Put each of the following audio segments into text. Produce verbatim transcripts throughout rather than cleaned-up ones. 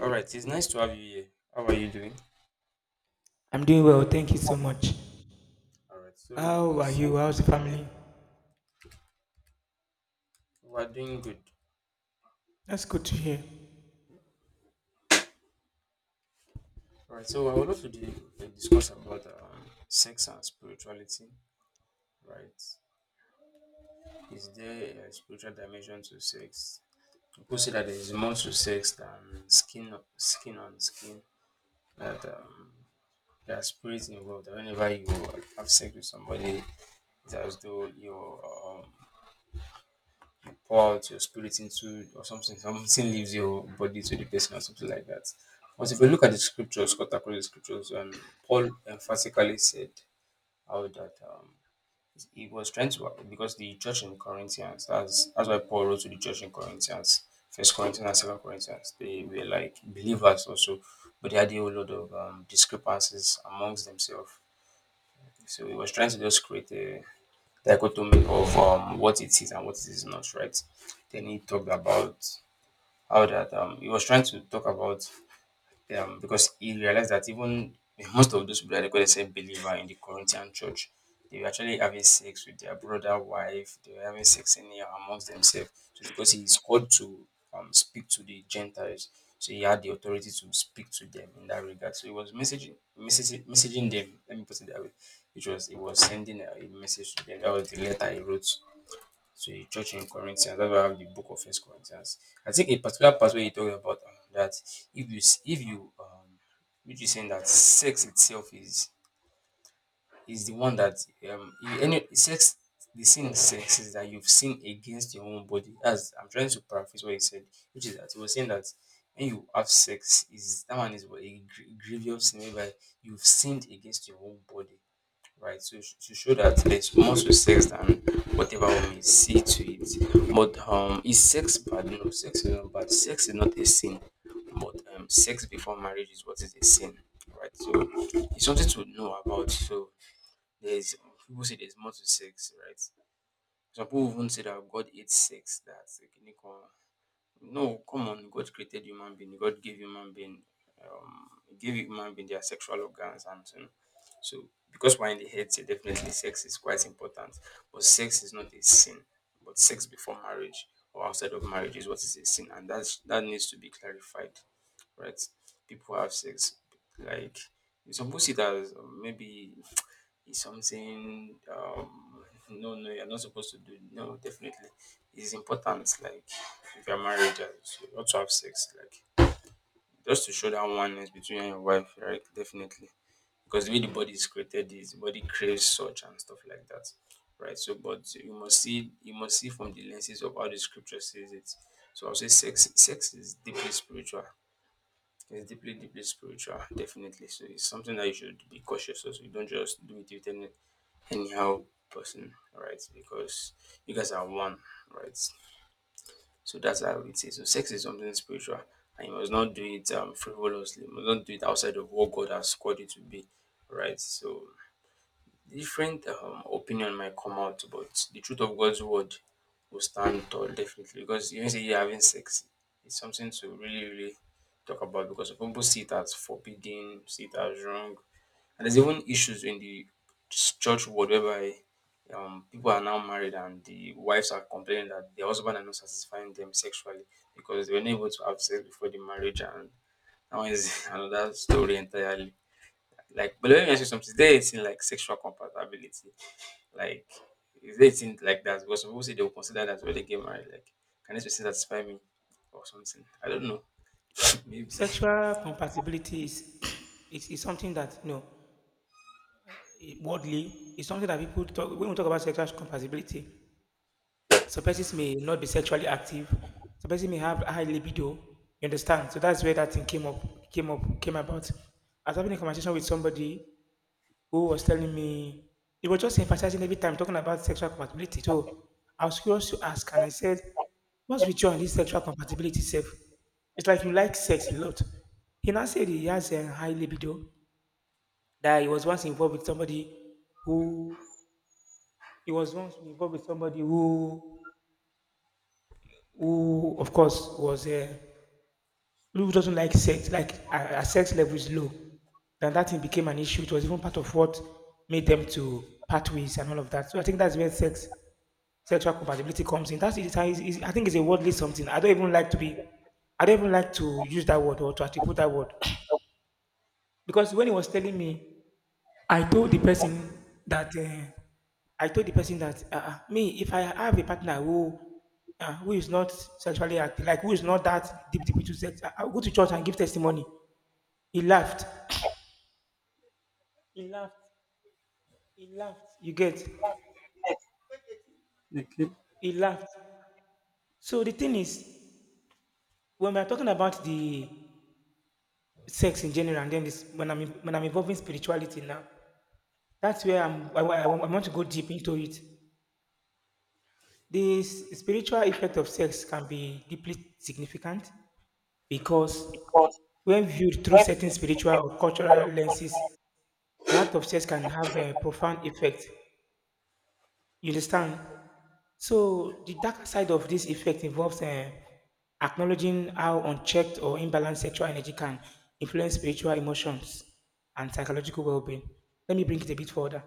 All right, it's nice to have you here. How are you doing? I'm doing well, thank you so much. All right, so How are it's, you? How's the family? We're doing good. That's good to hear. All right, so I would love to do, uh, discuss about um, sex and spirituality. Right, is there a spiritual dimension to sex? People say that there is more to sex than skin o- skin on skin. That um, there are spirits involved. That whenever you have sex with somebody, it's as though you're um, pour out your spirit into or something, something leaves your body to the person or something like that. But if you look at the scriptures, cut across the scriptures, um, Paul emphatically said how that um, he was trying to because the church in Corinthians, that's that's why Paul wrote to the church in Corinthians, First Corinthians and Second Corinthians, they were like believers also, but they had a whole lot of um, discrepancies amongst themselves. So he was trying to just create a dichotomy of um, what it is and what it is not, right? Then he talked about how that um, he was trying to talk about um, because he realized that even eh, most of those people that they call themselves believer in the Corinthian church, they were actually having sex with their brother wife, they were having sex in here amongst themselves. So because he is called to um, speak to the Gentiles, so he had the authority to speak to them in that regard. So he was messaging messaging, messaging them. Let me put it that way. Which was he was sending a, a message to them. That was the letter he wrote to the church in Corinthians. That's why I have the book of First Corinthians. I think a particular part where you talk about um, that if you s- if you um which is saying that sex itself is is the one that um i- any sex the sin of sex is that you've sinned against your own body. As I'm trying to paraphrase what he said, which is that he was saying that when you have sex is that one is what a gr- grievous sin whereby you've sinned against your own body, right? So sh- to show that there's more to sex than whatever we may see to it. But um, is sex bad? No, sex is not bad. Sex is not a sin. But um, sex before marriage is what is a sin, right? So it's something to know about. So there's people say there's more to sex, right? Some people even say that God hates sex. That's a unicorn. No, come on. God created human being. God gave human being, um, he gave human being their sexual organs and um, so because we're in the head, here, definitely sex is quite important. But sex is not a sin. But sex before marriage or outside of marriage is what is a sin, and that's that needs to be clarified, right? People have sex. Like some people see it as um, maybe it's something um no, no, you're not supposed to do. No, definitely. It's important like if you're married, uh, so you ought to have sex, like just to show that oneness between you and your wife, right? Definitely. Because the way the body is created is the body craves such and stuff like that. Right. So but you must see you must see from the lenses of how the scripture says it. So I'll say sex sex is deeply spiritual, it's deeply, deeply spiritual, definitely. So it's something that you should be cautious of. So you don't just do it with any anyhow person, right? Because you guys are one, right? So that's how it is. So sex is something spiritual, and you must not do it um, frivolously. You must not do it outside of what God has called it to be, right? So different um opinion might come out, but the truth of God's word will stand tall definitely because even say you having sex, it's something to really, really talk about because some people see it as forbidding, see it as wrong. And there's even issues in the ch- church world whereby um, people are now married and the wives are complaining that their husband are not satisfying them sexually because they were not able to have sex before the marriage and now one is another story entirely. Like but let me ask you something, is there anything like sexual compatibility? Like, is there a like that? Because some people say they will consider that when they get married. Like, can this person satisfy me or something? I don't know. Maybe. Sexual compatibility is is, is something that you know eh, worldly is something that people talk when we talk about sexual compatibility. Some persons may not be sexually active, some persons may have high libido. You understand? So that's where that thing came up came up came about. I was having a conversation with somebody who was telling me he was just emphasizing every time talking about sexual compatibility. So I was curious to ask, and I said, "What's with you and this sexual compatibility self? It's like you like sex a lot." He now said he has a high libido, that he was once involved with somebody who he was once involved with somebody who who of course was uh, who doesn't like sex, like her, her sex level is low, then that thing became an issue. It was even part of what made them to part ways and all of that. So I think that's where sex sexual compatibility comes in. That's it. it's, it's, I think it's a worldly something. I don't even like to be. I don't even like to use that word or to attribute that word because when he was telling me, I told the person that uh, I told the person that uh, uh, me, if I have a partner who uh, who is not sexually active, like who is not that deep deep into sex, I, I'll go to church and give testimony. He laughed. He laughed. He laughed. You get? Okay. He laughed. So the thing is, when we are talking about the sex in general, and then this, when I'm when I'm involving spirituality now, that's where I'm. I, I, I want to go deep into it. The s- spiritual effect of sex can be deeply significant because Because when viewed through when certain we spiritual or control cultural of lenses, the act of sex can have a profound effect. You understand? So the darker side of this effect involves uh, acknowledging how unchecked or imbalanced sexual energy can influence spiritual emotions and psychological well-being. Let me bring it a bit further.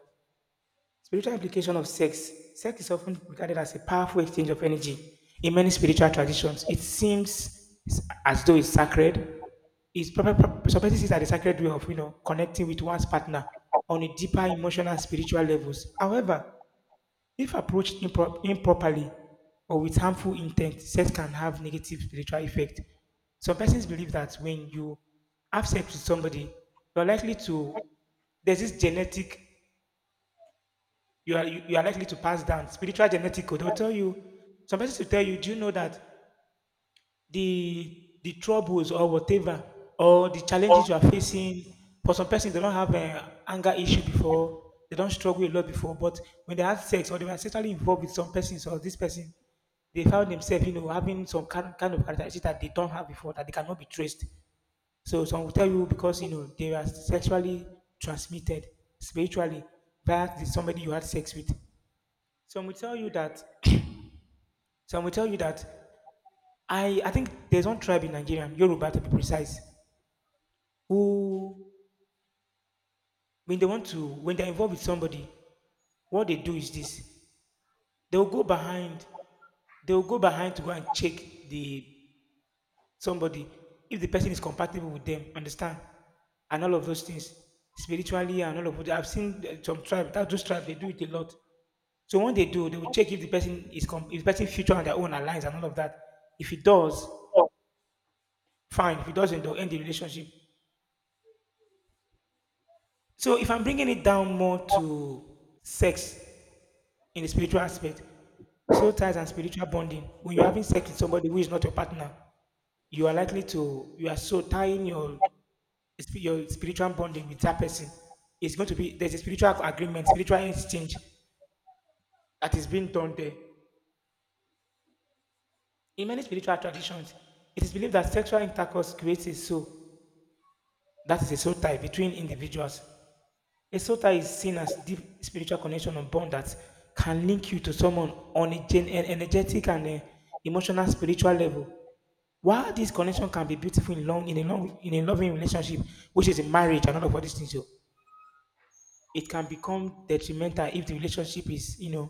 Spiritual implication of sex. Sex is often regarded as a powerful exchange of energy. In many spiritual traditions, it seems as though it's sacred. It's probably supposed to a sacred way of you know connecting with one's partner on a deeper emotional and spiritual levels. However, if approached impro- improperly or with harmful intent, sex can have negative spiritual effect. Some persons believe that when you have sex with somebody, you're likely to, there's this genetic, you are, you, you are likely to pass down spiritual genetic code. They'll tell you, some persons will tell you, do you know that the the troubles or whatever or the control challenges you are facing. For some persons, they don't have an anger issue before, they don't struggle a lot before, but when they had sex or they were sexually involved with some persons or this person, they found themselves, you know, having some kind, kind of characteristics that they don't have before, that they cannot be traced. So some will tell you, because you know they were sexually transmitted spiritually by the somebody you had sex with. Some will tell you that some will tell you that I I think there's one tribe in Nigeria, Yoruba to be precise, who, when they want to when they're involved with somebody, what they do is this: they will go behind, they will go behind to go and check the somebody if the person is compatible with them. Understand? And all of those things spiritually and all of that. I've seen uh, some tribe, that those tribes they do it a lot. So when they do, they will check if the person is com- if the person's future and their own aligns and all of that. If it does, fine. If it doesn't, they'll end the relationship. So if I'm bringing it down more to sex in the spiritual aspect, soul ties and spiritual bonding. When you're having sex with somebody who is not your partner, you are likely to you are so tying your sp- your spiritual bonding with that person. It's going to be, there's a spiritual agreement, spiritual exchange that is being done there. In many spiritual traditions, it is believed that sexual intercourse creates a soul, that is a soul tie between individuals. A sota is seen as deep spiritual connection or bond that can link you to someone on a gen- an energetic and uh, emotional spiritual level. While this connection can be beautiful in long in a long in a loving relationship, which is a marriage and all of all these things, so it can become detrimental if the relationship is, you know,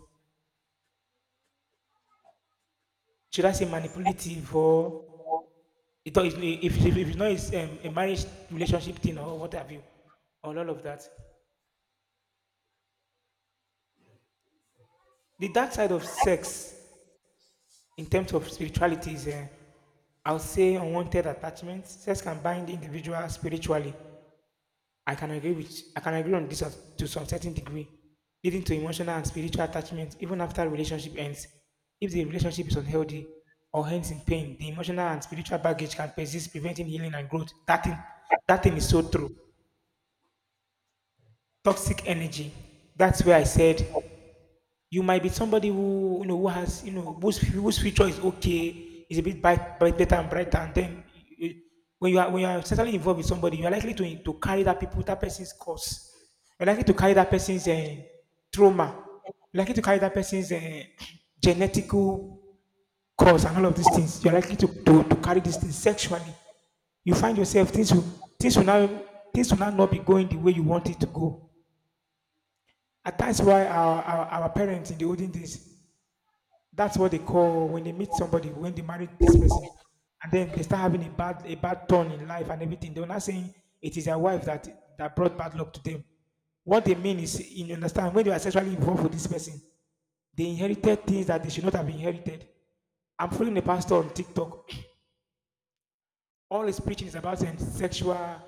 should I say, manipulative, or it, if, if, if it's, not it's, um, a marriage relationship thing, or what have you, or all of that. The dark side of sex in terms of spirituality is, uh, I would say, unwanted attachments. Sex can bind the individual spiritually. i can agree with I can agree on this, as- to some certain degree, leading to emotional and spiritual attachment even after relationship ends. If the relationship is unhealthy or ends in pain, the emotional and spiritual baggage can persist, preventing healing and growth. That thing that thing is so true. Toxic energy. That's where I said, you might be somebody who, you know who has, you know whose whose future is okay, is a bit bright, bright, better and brighter, and then you- you- when you are when you are certainly involved with somebody, you are likely to to carry that people that person's curse. You're likely to carry that person's uh, trauma. You're likely to carry that person's uh, genetical cause and all of these things. You're likely to, to, to carry these things sexually. You find yourself, things will things will now things will now not be going the way you want it to go. And that's why our, our, our parents in the olden days, that's what they call. When they meet somebody, when they marry this person, and then they start having a bad a bad turn in life and everything, they're not saying it is their wife that that brought bad luck to them. What they mean is, you understand, when they were sexually involved with this person, they inherited things that they should not have inherited. I'm following a pastor on TikTok. All his preaching is about um, sexual, uh,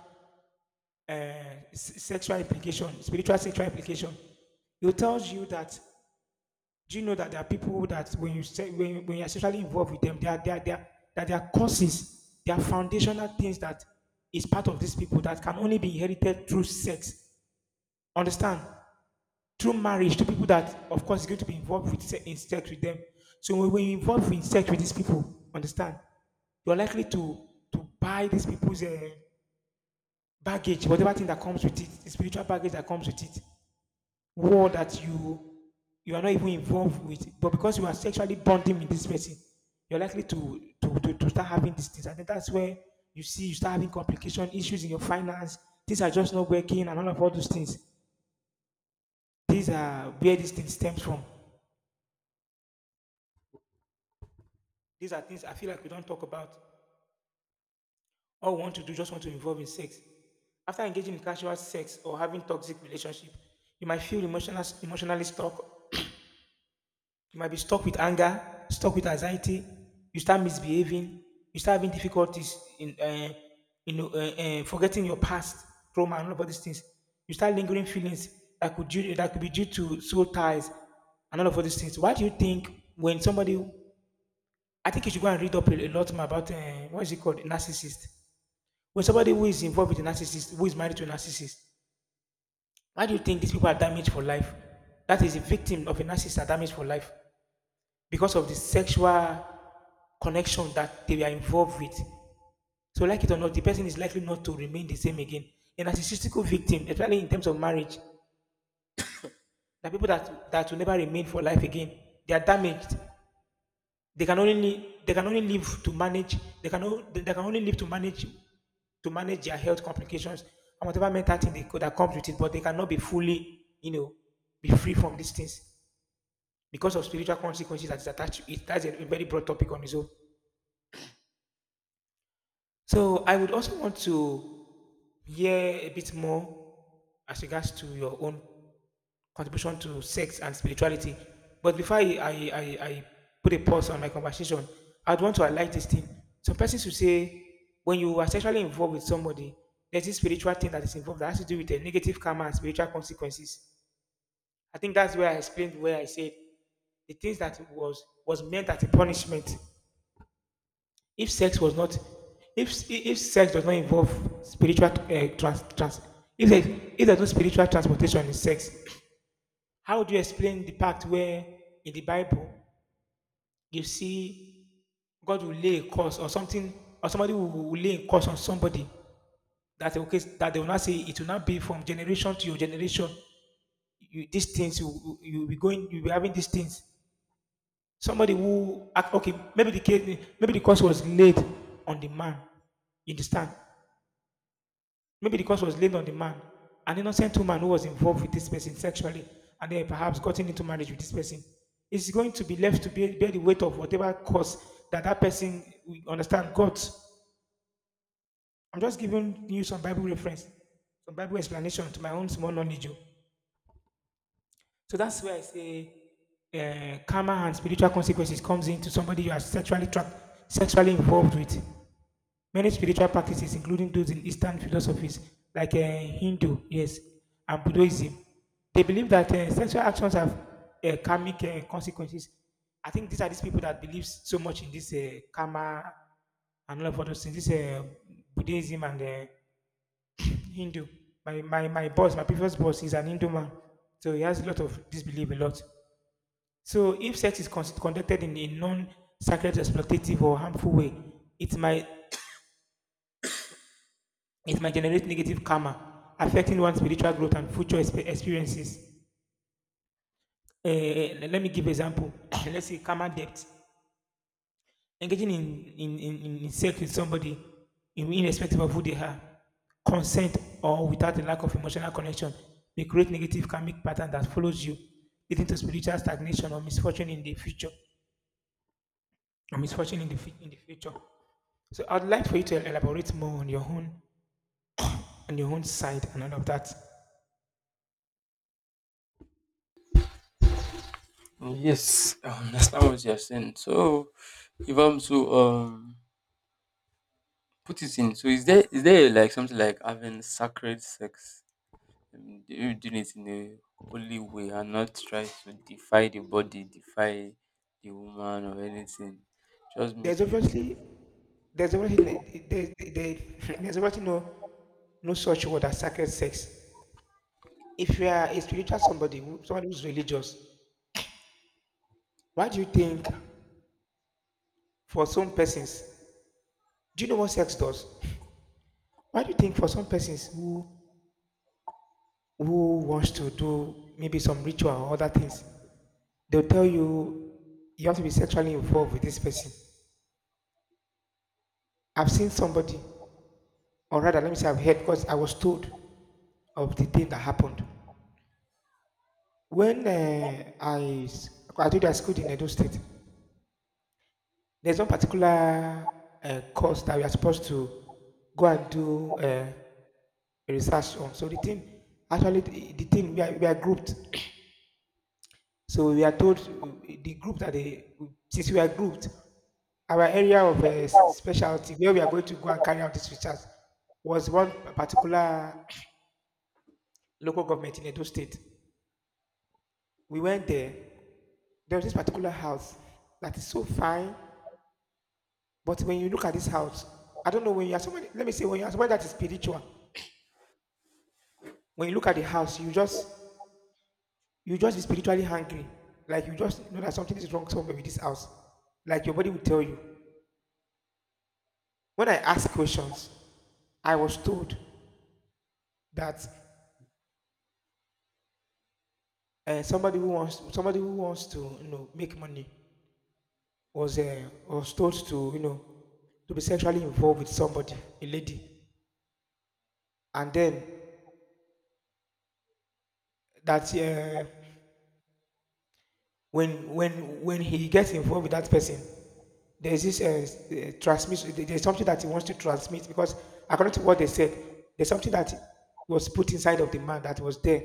s- sexual implication, spiritual sexual implication. He tells you that. Do you know that there are people that when you say when, when you're sexually involved with them, there are, there are, they are, that there are causes, there are foundational things that is part of these people that can only be inherited through sex. Understand? Through marriage, to people that of course is going to be involved with se- in sex with them. So when, when you involve in sex with these people, understand? You're likely to to buy these people's uh, baggage, whatever thing that comes with it, the spiritual baggage that comes with it, war that you you are not even involved with, but because you are sexually bonding with this person, you're likely to to, to, to start having these things. I think that's where you see you start having complication issues in your finance. Things are just not working, and all of all those things. These are where these things stems from. These are things I feel like we don't talk about. All we want to do, just want to involve in sex. After engaging in casual sex or having toxic relationship, you might feel emotional, emotionally stuck. You might be stuck with anger, stuck with anxiety. You start misbehaving. You start having difficulties in, uh, you know, uh, uh, forgetting your past trauma and all of all these things. You start lingering feelings that could due, that could be due to soul ties and all of all these things. Why do you think, when somebody, I think you should go and read up a, a lot more about, uh, what is it called, narcissist. When somebody who is involved with a narcissist, who is married to a narcissist, why do you think these people are damaged for life? That is, a victim of a narcissist are damaged for life, because of the sexual connection that they are involved with. So, like it or not, the person is likely not to remain the same again. A narcissistic victim, especially in terms of marriage, the people that, that will never remain for life again, they are damaged. They can only they can only live to manage. They can o- they can only live to manage to manage their health complications and whatever mental thing they, co- that comes with it. But they cannot be fully, you know, be free from these things because of spiritual consequences that is attached to it. That's a very broad topic on its own. So I would also want to hear a bit more as regards to your own contribution to sex and spirituality. But before I, I, I, I put a pause on my conversation, I'd want to highlight this thing. Some persons will say when you are sexually involved with somebody, there's this spiritual thing that is involved that has to do with the negative karma and spiritual consequences. I think that's where I explained where I said the things that was was meant as a punishment if sex was not, if if sex does not involve spiritual uh, trans, trans if there's, if there's no spiritual transportation in sex, how would you explain the part where in the Bible you see God will lay a curse or something, or somebody will, will lay a curse on somebody that okay that they will not say it will not be from generation to your generation. You, these things you you will be going you will be having these things. Somebody who okay maybe the case maybe the curse was laid on the man in the stand. Maybe the curse was laid on the man, an innocent woman who was involved with this person sexually and then perhaps gotten into marriage with this person. Is going to be left to bear, bear the weight of whatever cause that that person we understand God. I'm just giving you some Bible reference, some Bible explanation to my own small knowledge. Oh. So that's where I say uh, karma and spiritual consequences comes into somebody you are sexually trapped, sexually involved with. Many spiritual practices, including those in Eastern philosophies like uh, Hindu, yes, and Buddhism, they believe that uh, sexual actions have uh, karmic uh, consequences. I think these are these people that believe so much in this uh, karma and all of those things. This uh, Buddhism and uh, Hindu. My, my my boss, my previous boss, is an Hindu man, so he has a lot of disbelief, a lot. So if sex is con- conducted in a non-sacred, exploitative, or harmful way, it might it might generate negative karma, affecting one's spiritual growth and future expe- experiences. Eh, let me give example. Let's say karma debt. Engaging in, in, in, in sex with somebody, in- irrespective of who they are, consent or without a lack of emotional connection, may create negative karmic pattern that follows you, leading to spiritual stagnation or misfortune in the future. Or misfortune in the, fu- in the future. So I'd like for you to elaborate more on your own on your own side and all of that. Yes, I understand what you're saying. So, if I'm to um put it in, so is there is there like something like having sacred sex? um, they do do it in a holy way and not try to defy the body, defy the woman or anything. Just There's make it obviously there's obviously ne- there, there, there's obviously no no such word as sacred sex. If you are a spiritual somebody, who- somebody who's religious, why do you think for some persons, do you know what sex does? Why do you think for some persons who who wants to do maybe some ritual or other things, they'll tell you you have to be sexually involved with this person. I've seen somebody, or rather, let me say I've heard because I was told of the thing that happened. When uh, I s- I did I schooled in Edo State, there's one particular uh, course that we are supposed to go and do uh, research on. So the team, actually, the, the team we are, we are grouped. So we are told uh, the group that they since we are grouped, our area of uh, specialty where we are going to go and carry out this research was one particular local government in Edo State. We went there. There was this particular house that is so fine. But when you look at this house, I don't know when you are somebody. Let me say when you are somebody that is spiritual. When you look at the house, you just you just be spiritually hungry. Like you just know that something is wrong somewhere with this house. Like your body will tell you. When I ask questions, I was told that uh, somebody who wants somebody who wants to you know make money was uh, was told to you know to be sexually involved with somebody, a lady, and then that uh, when when when he gets involved with that person, there is this uh, uh, transmission. There's something that he wants to transmit because according to what they said, there's something that was put inside of the man that was there.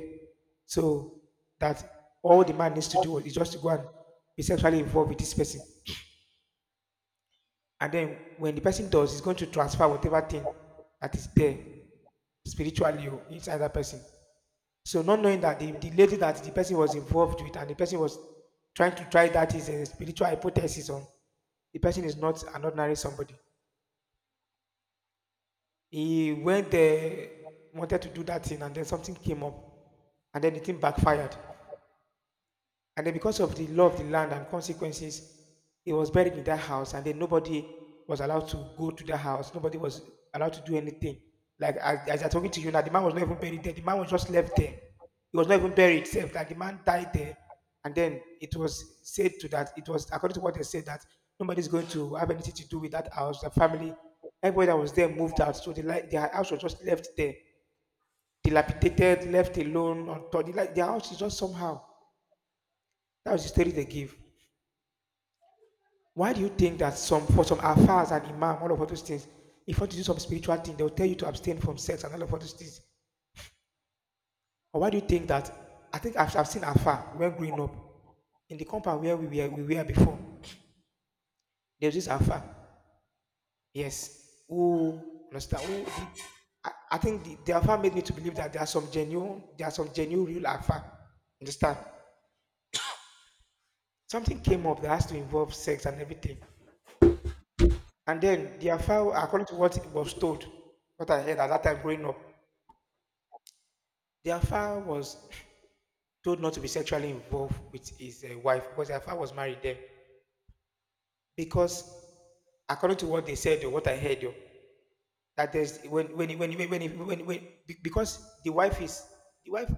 So that all the man needs to do is just to go and be sexually involved with this person. And then when the person does, he's going to transfer whatever thing that is there spiritually or inside that person. So not knowing that the, the lady that the person was involved with and the person was trying to try that is a spiritual hypothesis on the person is not an ordinary somebody. He went there, wanted to do that thing, and then something came up, and then the thing backfired. And then because of the law of the land and consequences, he was buried in that house, and then nobody was allowed to go to that house. Nobody was allowed to do anything. Like as, as I'm talking to you now, the man was not even buried there. The man was just left there. He was not even buried itself. Like the man died there. And then it was said to that it was according to what they said that nobody's going to have anything to do with that house. The family, everybody that was there moved out. So the like their house was just left there. Dilapidated, left alone, on top. The, like, their house is just somehow. That was the story they give. Why do you think that some for some alfas and imam, all of all those things, if you want to do some spiritual thing, they'll tell you to abstain from sex and all of all those things? Or why do you think that? I think I've, I've seen alpha when growing up in the compound where we were, we were before. There's this alpha, yes, who understand who did? I, I think the, the alpha made me to believe that there are some genuine, there are some genuine real alpha. Understand? Something came up that has to involve sex and everything. And then the alpha, according to what was told, what I heard at that time growing up, the affair was told not to be sexually involved with his uh, wife because the affair was married then. Because according to what they said or what I heard, oh, that there's when when when when, when, when, when be- because the wife is the wife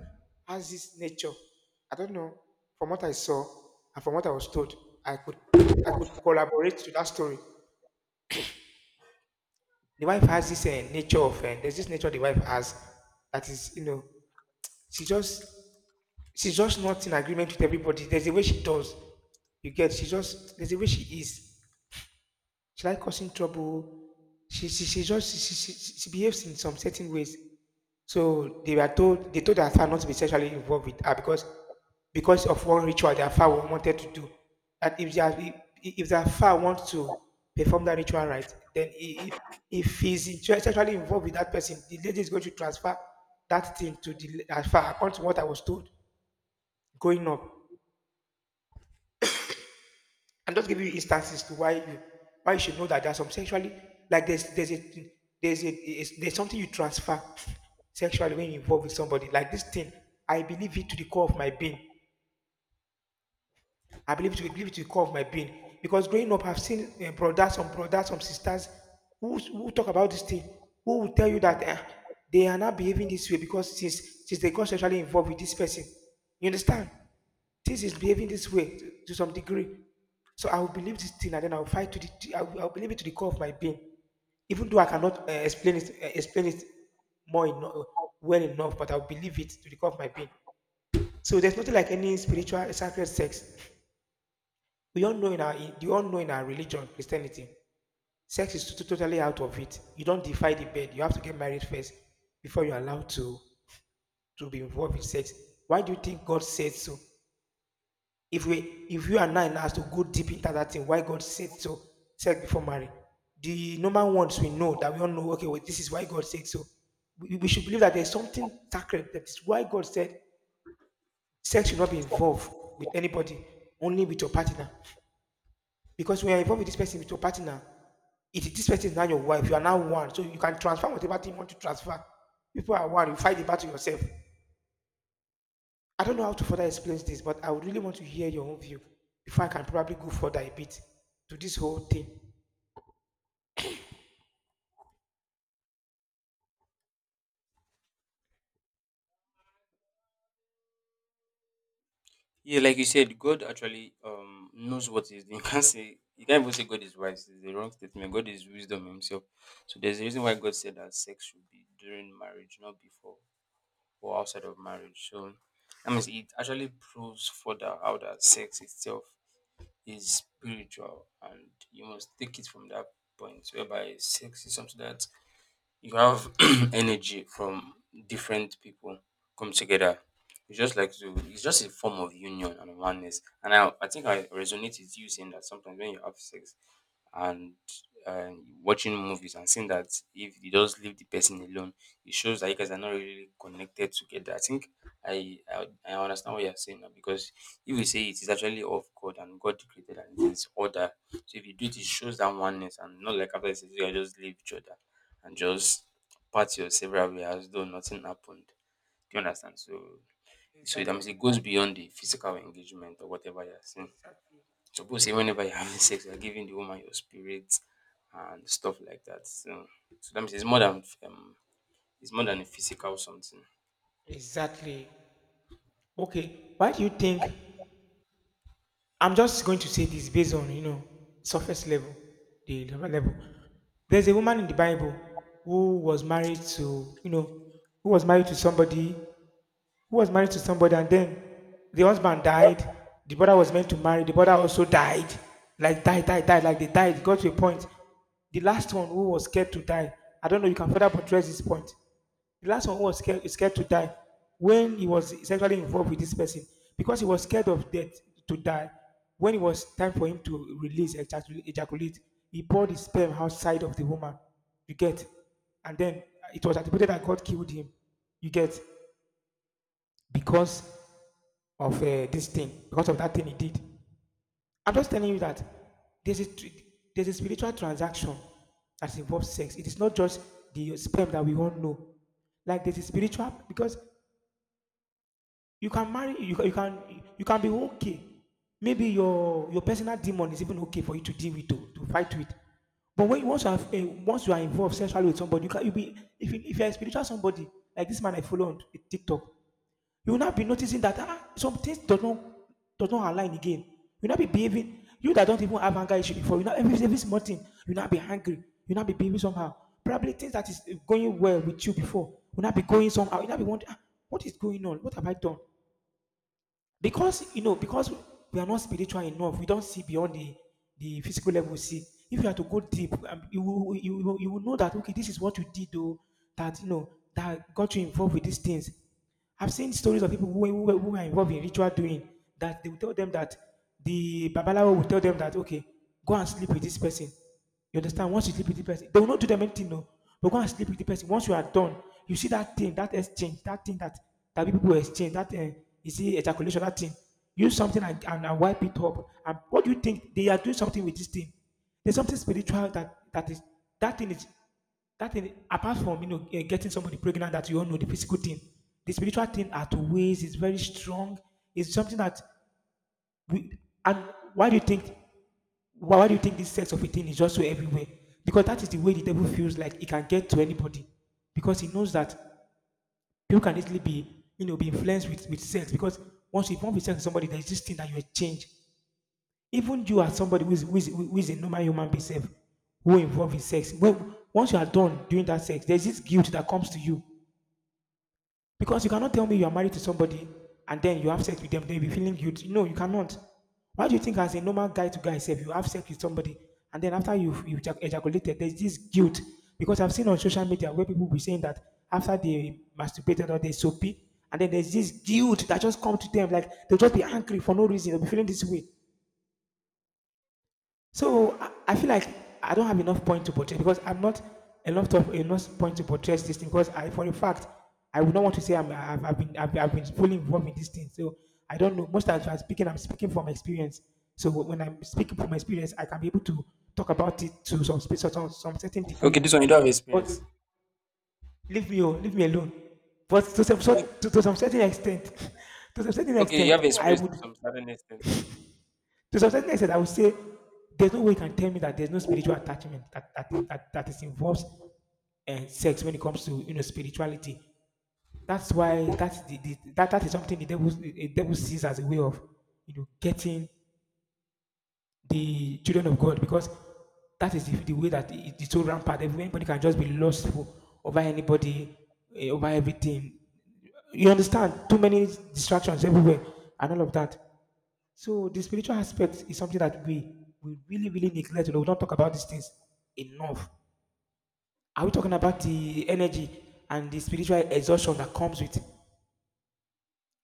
has this nature. I don't know. From what I saw and from what I was told, I could I could collaborate to that story. The wife has this uh, nature of uh, there's this nature the wife has that is you know she just she's just not in agreement with everybody. There's a way she does. You get she just there's a way she is. She like causing trouble. She she, she just she, she, she she behaves in some certain ways. So they were told they told her father not to be sexually involved with her because because of one ritual their father wanted to do. That if their if their father wants to perform that ritual right, then he, if he's in- sexually involved with that person, the lady is going to transfer that thing to the as according to what I was told growing up. I'm just giving you instances to why you why you should know that there's some sexually like there's there's a there's a is- there's something you transfer sexually when you involve with somebody like this thing. I believe it to the core of my being. I believe it, will- believe it will core of my being. Because growing up, I've seen eh, brothers, some brothers, some sisters who, who talk about this thing, who will tell you that eh, they are not behaving this way because since, since they got sexually involved with this person. You understand? This is behaving this way to, to some degree. So I will believe this thing and then I will fight to the, I will, I will believe it to the core of my being. Even though I cannot uh, explain it, uh, explain it more eno- well enough, but I will believe it to the core of my being. So there's nothing like any spiritual sacred sex. We all know in our in- you all know in our religion, Christianity, sex is to- totally out of it. You don't defy the bed. You have to get married first before you're allowed to to be involved in sex. Why do you think God said so? If we if you and I now has to go deep into that thing, why God said so? Sex before marriage. The normal ones we know that we all know. Okay, well, this is why God said so. We, we should believe that there's something sacred. That is why God said sex should not be involved with anybody, only with your partner. Because when you're involved with this person, with your partner, it, this person is now your wife. You are now one. So you can transfer whatever thing you want to transfer. People are one. You fight the battle yourself. I don't know how to further explain this, but I would really want to hear your own view before I can probably go further a bit to this whole thing. yeah, like you said, God actually um knows what he's doing. You can't say you can't even say God is wise. It's the wrong statement. God is wisdom himself. So there's a reason why God said that sex should be during marriage, not before or outside of marriage. So I mean it actually proves further how that sex itself is spiritual and you must take it from that point whereby sex is something that you have energy from different people come together, it's just like to it's just a form of union and oneness, and i, I think I resonate with you saying that sometimes when you have sex and uh, watching movies and seeing that if you just leave the person alone, it shows that you guys are not really connected together. I think I I, I understand what you're saying now because if you say it is actually of God and God created and it is order. So if you do it, it shows that oneness and not like after says you guys just leave each other and just part your several ways as though nothing happened. Do you understand? So so that Exactly. means it goes beyond the physical engagement or whatever you're saying. Exactly. Suppose say whenever you're having sex, you're giving the woman your spirit and stuff like that. So, so that means it's more than um, it's more than a physical something. Exactly. Okay. Why do you think? I'm just going to say this based on you know surface level, the lower level. There's a woman in the Bible who was married to you know who was married to somebody who was married to somebody, and then the husband died. The brother was meant to marry. The brother also died. Like died, died, died. Like they died. It got to a point. The last one who was scared to die. I don't know. You can further portray this point. The last one who was scared, scared to die when he was sexually involved with this person because he was scared of death to die. When it was time for him to release ejaculate, ejaculate, he poured his sperm outside of the woman. You get, and then it was attributed that God killed him. You get, because of uh, this thing, because of that thing he did. I'm just telling you that there's a tr- there's a spiritual transaction that involves sex. It is not just the sperm that we all know. Like there's a spiritual, because you can marry you, ca- you can you can be okay. Maybe your your personal demon is even okay for you to deal with to, to fight with. But when you once you have, eh, once you are involved sexually with somebody, you can you be if you, if you're a spiritual somebody like this man I follow on TikTok, you will not be noticing that ah, some things does not does not align again. You will not be behaving. You that don't even have anger issue before, you know, every every small thing, you will not be angry. You will not be behaving somehow. Probably things that is going well with you before will not be going somehow. You will not be wondering, ah, what is going on? What have I done? Because you know because we are not spiritual enough, we don't see beyond the the physical level. We see, if you are to go deep, um, you will you will, you will know that okay, this is what you did though that you know that got you involved with these things. I've seen stories of people who, were- who, were- who are involved in ritual doing, that they will tell them that the babalawo will tell them that okay, go and sleep with this person. You understand? Once you sleep with the person, they will not do them anything, no. But go and sleep with the person. Once you are done, you see that thing, that exchange, that thing that, that people exchange, that uh, you see ejaculation, that thing. Use something and, and, and wipe it up. And what do you think? They are doing something with this thing. There's something spiritual that that is, that thing is, that thing, apart from you know, eh, getting somebody pregnant, that you all know, the physical thing. The spiritual thing at ways is very strong. It's something that we, and why do you think, why, why do you think this sense of a thing is just so everywhere? Because that is the way the devil feels like he can get to anybody. Because he knows that people can easily be, you know, be influenced with, with sex. Because once you form with sex with somebody, there's this thing that you will change. Even you as somebody who is, who is, who is a normal human being self, who involved in sex, well, once you are done doing that sex, there's this guilt that comes to you, because you cannot tell me you are married to somebody and then you have sex with them, they'll be feeling guilty. No, you cannot. Why do you think, as a normal guy to guy self, you have sex with somebody, and then after you've, you've ejac- ejaculated, there's this guilt. Because I've seen on social media where people be saying that after they masturbated or they soapy, and then there's this guilt that just come to them, like they'll just be angry for no reason, they'll be feeling this way. So I, I feel like I don't have enough point to portray, because I'm not enough of enough point to portray this thing, because I, for a fact, I would not want to say I'm, I've, I've been I've, I've been fully involved in this thing. So I don't know. Most times when I'm speaking, I'm speaking from experience. So wh- when I'm speaking from experience, I can be able to talk about it to some space or some, some certain Okay, degree. this one you don't have But experience. leave me, al- leave me alone. But to some No, sort, to, to some certain extent, to some certain okay, you extent, have I experience to would. some certain extent. To some certain extent, I would say there's no way you can tell me that there's no spiritual attachment that that that, that is involved in sex when it comes to you know spirituality. That's why that's the, the that, that is something the devil the devil sees as a way of you know getting the children of God, because that is the, the way that it- it's so rampant. Everybody can just be lustful over anybody, eh, over everything. You understand? Too many distractions everywhere and all of that. So the spiritual aspect is something that we we really, really neglect. You know, we don't talk about these things enough. Are we talking about the energy and the spiritual exhaustion that comes with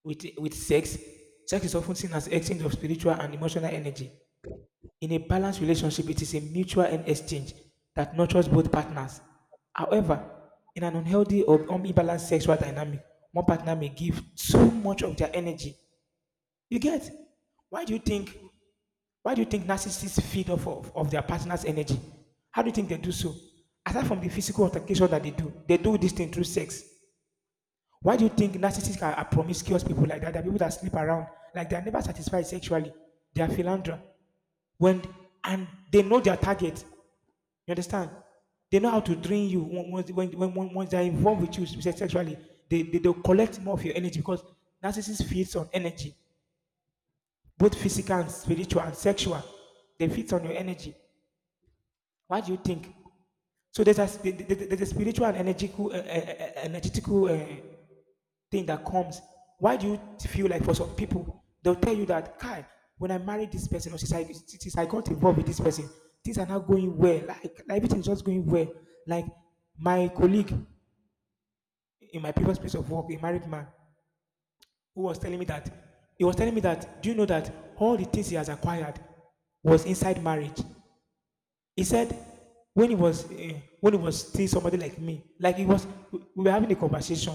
with with sex? Sex is often seen as exchange of spiritual and emotional energy. In a balanced relationship, it is a mutual en- exchange that nurtures both partners. However, in an unhealthy or unbalanced sexual dynamic, one partner may give so much of their energy. You get? Why do you think, why do you think narcissists feed off of, of their partner's energy? How do you think they do so? Aside from the physical altercation that they do, they do this thing through sex. Why do you think narcissists are, are promiscuous people like that? They're people that sleep around, like they're never satisfied sexually. They are philandra. When, and they know their target. You understand? They know how to drain you once when, when, when- once they're involved with you sexually. They, they they'll collect more of your energy, because narcissists feeds on energy, both physical and spiritual and sexual. They fit on your energy. What do you think? So there's a, there's a spiritual and energical, uh, uh, uh, uh, energetical uh, thing that comes. Why do you feel like for some people, they'll tell you that, Kai, when I married this person, or since I, since I got involved with this person, things are not going well. Like, like everything's just going well. Like my colleague in my previous place of work, a married man, who was telling me that, he was telling me that, do you know that all the things he has acquired was inside marriage? He said, when he was eh, when he was still somebody like me, like he was, we we were having a conversation,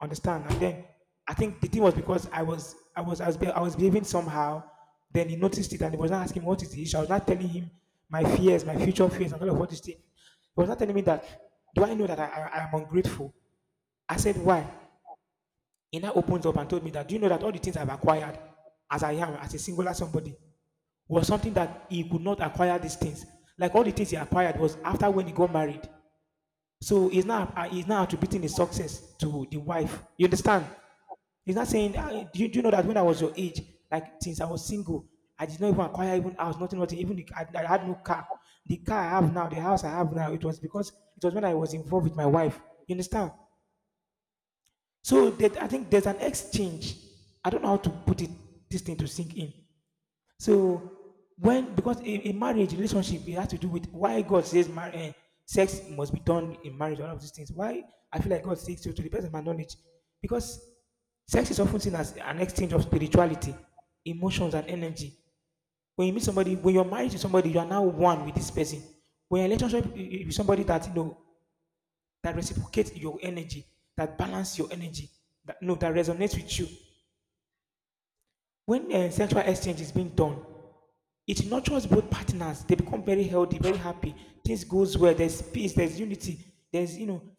understand? And then I think the thing was because I was I was I was, be- I was behaving somehow. Then he noticed it and he was not asking what is the issue. I was not telling him my fears, my future fears, and all of what this thing. He was not telling me that. Do I know that I, I, I am ungrateful? I said why? He now opened up and told me that, do you know that all the things I've acquired as I am, as a singular somebody, was something that he could not acquire these things. Like all the things he acquired was after when he got married. So he's now uh, he's now attributing his success to the wife. You understand? He's not saying, "Ah, do, you, do you know that when I was your age, like since I was single, I did not even acquire even house, nothing, nothing. Even the, I, I had no car. The car I have now, the house I have now, it was because it was when I was involved with my wife. You understand? So that I think there's an exchange. I don't know how to put it this thing to sink in. So when because in, in marriage relationship it has to do with why God says mar- eh, sex must be done in marriage. All of these things. Why I feel like God speaks to to the best of my knowledge because sex is often seen as an exchange of spirituality, emotions, and energy. When you meet somebody, when you're married to somebody, you are now one with this person. When you're in a relationship with somebody that you know that reciprocates your energy, that balance your energy, that no, that resonates with you. When uh, sexual exchange is being done, it nurtures both partners. They become very healthy, very happy. Things goes well. There's peace. There's unity. There's you know,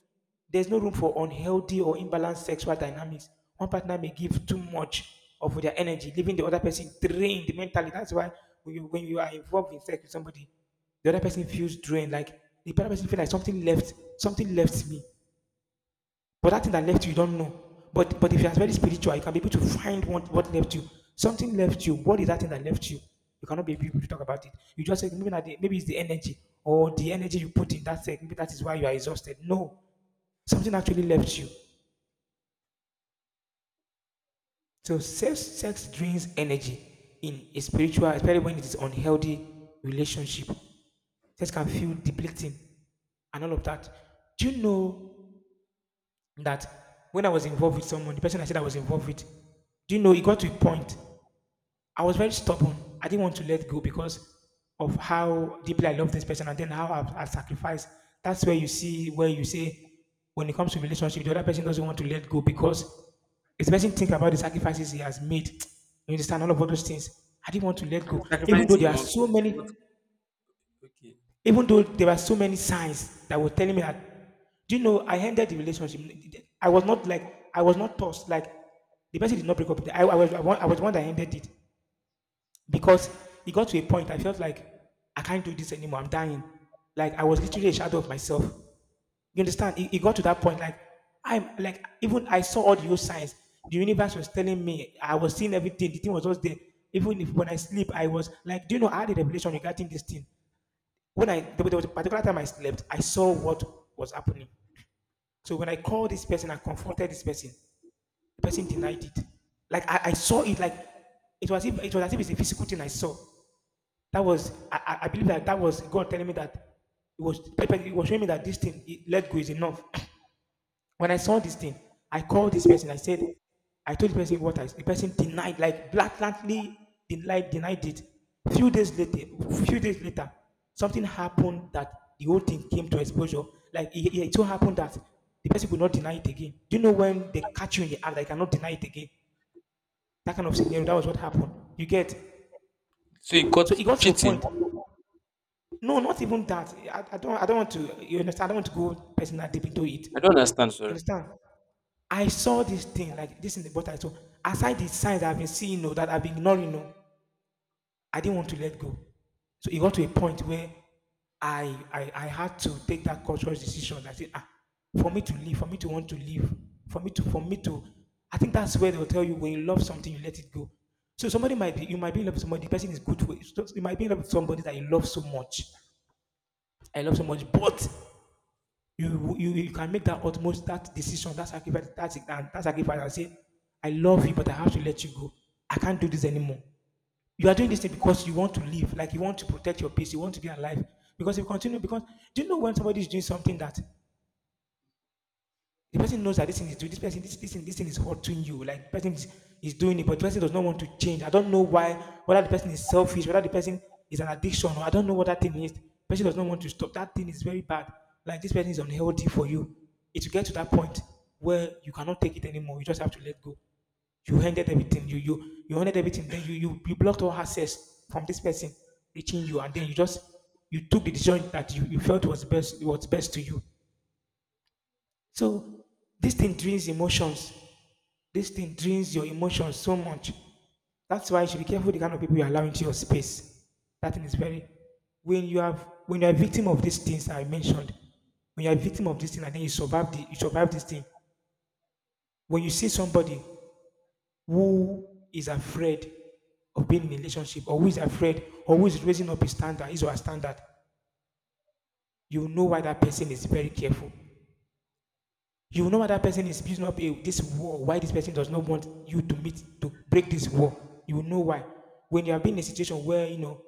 there's no room for unhealthy or imbalanced sexual dynamics. One partner may give too much of their energy, leaving the other person drained mentally. That's why when you, when you are involved in sex with somebody, the other person feels drained. Like the other person feels like something left, something left me. But that thing that left you, you don't know. But but if you are very spiritual, you can be able to find what, what left you. Something left you. What is that thing that left you? You cannot be able to talk about it. You just say maybe, not the, maybe it's the energy or the energy you put in that thing. Maybe that is why you are exhausted. No, something actually left you. So sex, sex drains energy in a spiritual, especially when it is unhealthy relationship. Sex can feel depleting and all of that. Do you know that when I was involved with someone, the person I said I was involved with, do you know, it got to a point. I was very stubborn. I didn't want to let go because of how deeply I love this person and then how I've, I've sacrificed. That's where you see, where you say, when it comes to relationship, the other person doesn't want to let go because it's the person think about the sacrifices he has made. You understand all of all those things. I didn't want to let go, even though Sacrificing there in are one so what many okay. even though there were so many signs that were telling me that, do you know, I ended the relationship. I was not like, I was not tossed. Like, the person did not break up with me. I, I, was, I, wa- I was the one that ended it because it got to a point I felt like, I can't do this anymore. I'm dying. Like, I was literally a shadow of myself. You understand? It, it got to that point. Like, I'm like, even I saw all the signs. The universe was telling me, I was seeing everything. The thing was just there. Even if when I sleep, I was like, do you know, I had a revelation regarding this thing when I there was a particular time I slept, I saw what was happening. So when I called this person, I confronted this person. The person denied it. Like I, I saw it. Like it was if, it was as if it's a physical thing I saw. That was I, I- believe that that was God telling me that it was it was showing me that this thing it, let go is enough. When I saw this thing, I called this person. I said, I told the person what I. The person denied, like blatantly denied, denied it. Few days later, few days later, something happened that the whole thing came to exposure. Like it, it so happened that the person could not deny it again. Do you know when they catch you in the act, they cannot deny it again? That kind of scenario. That was what happened. You get. So you got So it got to a cheating. point. No, not even that. I, I don't. I don't want to. You understand? I don't want to go personal deep into it. I don't You understand, sorry. understand? I saw this thing like this in the bottle. So aside the signs I've been seeing, no, that I've been ignoring, no, I didn't want to let go. So it got to a point where I I, I had to take that conscious decision. I said, ah, for me to live, for me to want to live, for me to for me to. I think that's where they'll tell you when you love something, you let it go. So somebody might be you might be in love with somebody. The person is good for you. So you might be in love with somebody that you love so much. I love so much, but you, you you can make that utmost that decision, that sacrifice, that, that, that sacrifice, and say, I love you, but I have to let you go. I can't do this anymore. You are doing this thing because you want to live, like you want to protect your peace, you want to be alive. Because if you continue, because do you know when somebody is doing something that the person knows that this thing is doing this person, this, this thing, this thing is hurting you. Like person is, is doing it, but the person does not want to change. I don't know why, whether the person is selfish, whether the person is an addiction, or I don't know what that thing is. The person does not want to stop. That thing is very bad. Like this person is unhealthy for you. It will get to that point where you cannot take it anymore. You just have to let go. You ended everything. You you you ended everything. Then you you, you blocked all access from this person reaching you, and then you just you took the decision that you, you felt was best was best to you so this thing drains emotions. This thing drains your emotions so much. That's why you should be careful the kind of people you allow into your space. That thing is very when you have when you're a victim of these things I mentioned, when you're a victim of this thing and then you survive the you survive this thing. When you see somebody who is afraid of being in a relationship or who is afraid or who is raising up his standard, his or her standard, you know why that person is very careful. You know why that person is building up a, this wall, why this person does not want you to meet, to break this wall. You know why. When you have been in a situation where, you know,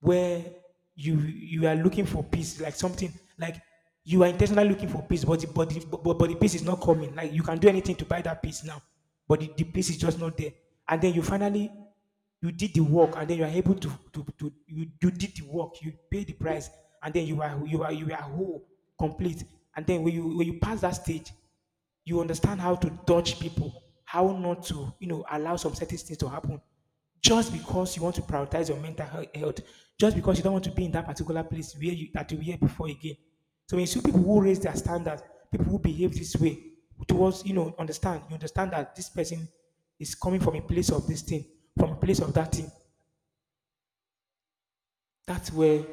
where you you are looking for peace, like something like you are intentionally looking for peace, but the, but the, but, but the peace is not coming. Like you can do anything to buy that peace now, but the, the peace is just not there. And then you finally you did the work, and then you are able to to, to you, you did the work, you pay the price, and then you are you are you are whole, complete. And then when you when you pass that stage, you understand how to dodge people, how not to, you know, allow some certain things to happen. Just because you want to prioritize your mental hea- health, just because you don't want to be in that particular place where you that you were before again. So when you see people who raise their standards, people who behave this way towards, you know, understand, you understand that this person is coming from a place of this thing, from a place of that thing. That's where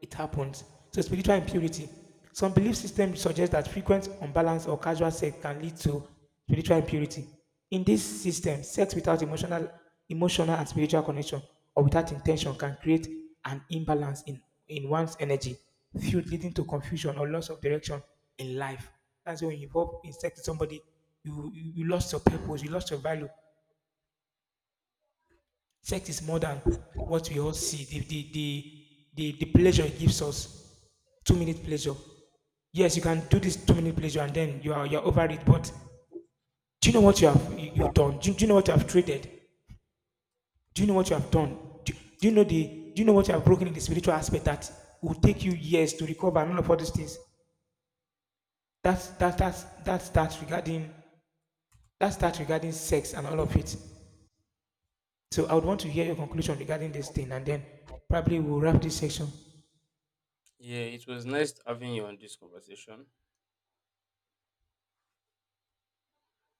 it happens. So spiritual impurity. Some belief systems suggest that frequent unbalanced or casual sex can lead to spiritual impurity. In this system, sex without emotional, emotional and spiritual connection or without intention can create an imbalance in, in one's energy, field leading to confusion or loss of direction in life. That's when you involve in sex with somebody, you, you, you lost your purpose, you lost your value, sex is more than what we all see. The the the the, the pleasure it gives us, two minute pleasure. Yes, you can do this two minute pleasure and then you are you're over it. But do you know what you have you, you've done? Do, you- do you know what you have traded? Do you know what you have done? Do, do you know the do you know what you have broken in the spiritual aspect that will take you years to recover and all of all these things? That's that that's that's that regarding that's that regarding sex and all of it. So I would want to hear your conclusion regarding this thing and then probably we'll wrap this section. Yeah, it was nice having you on this conversation.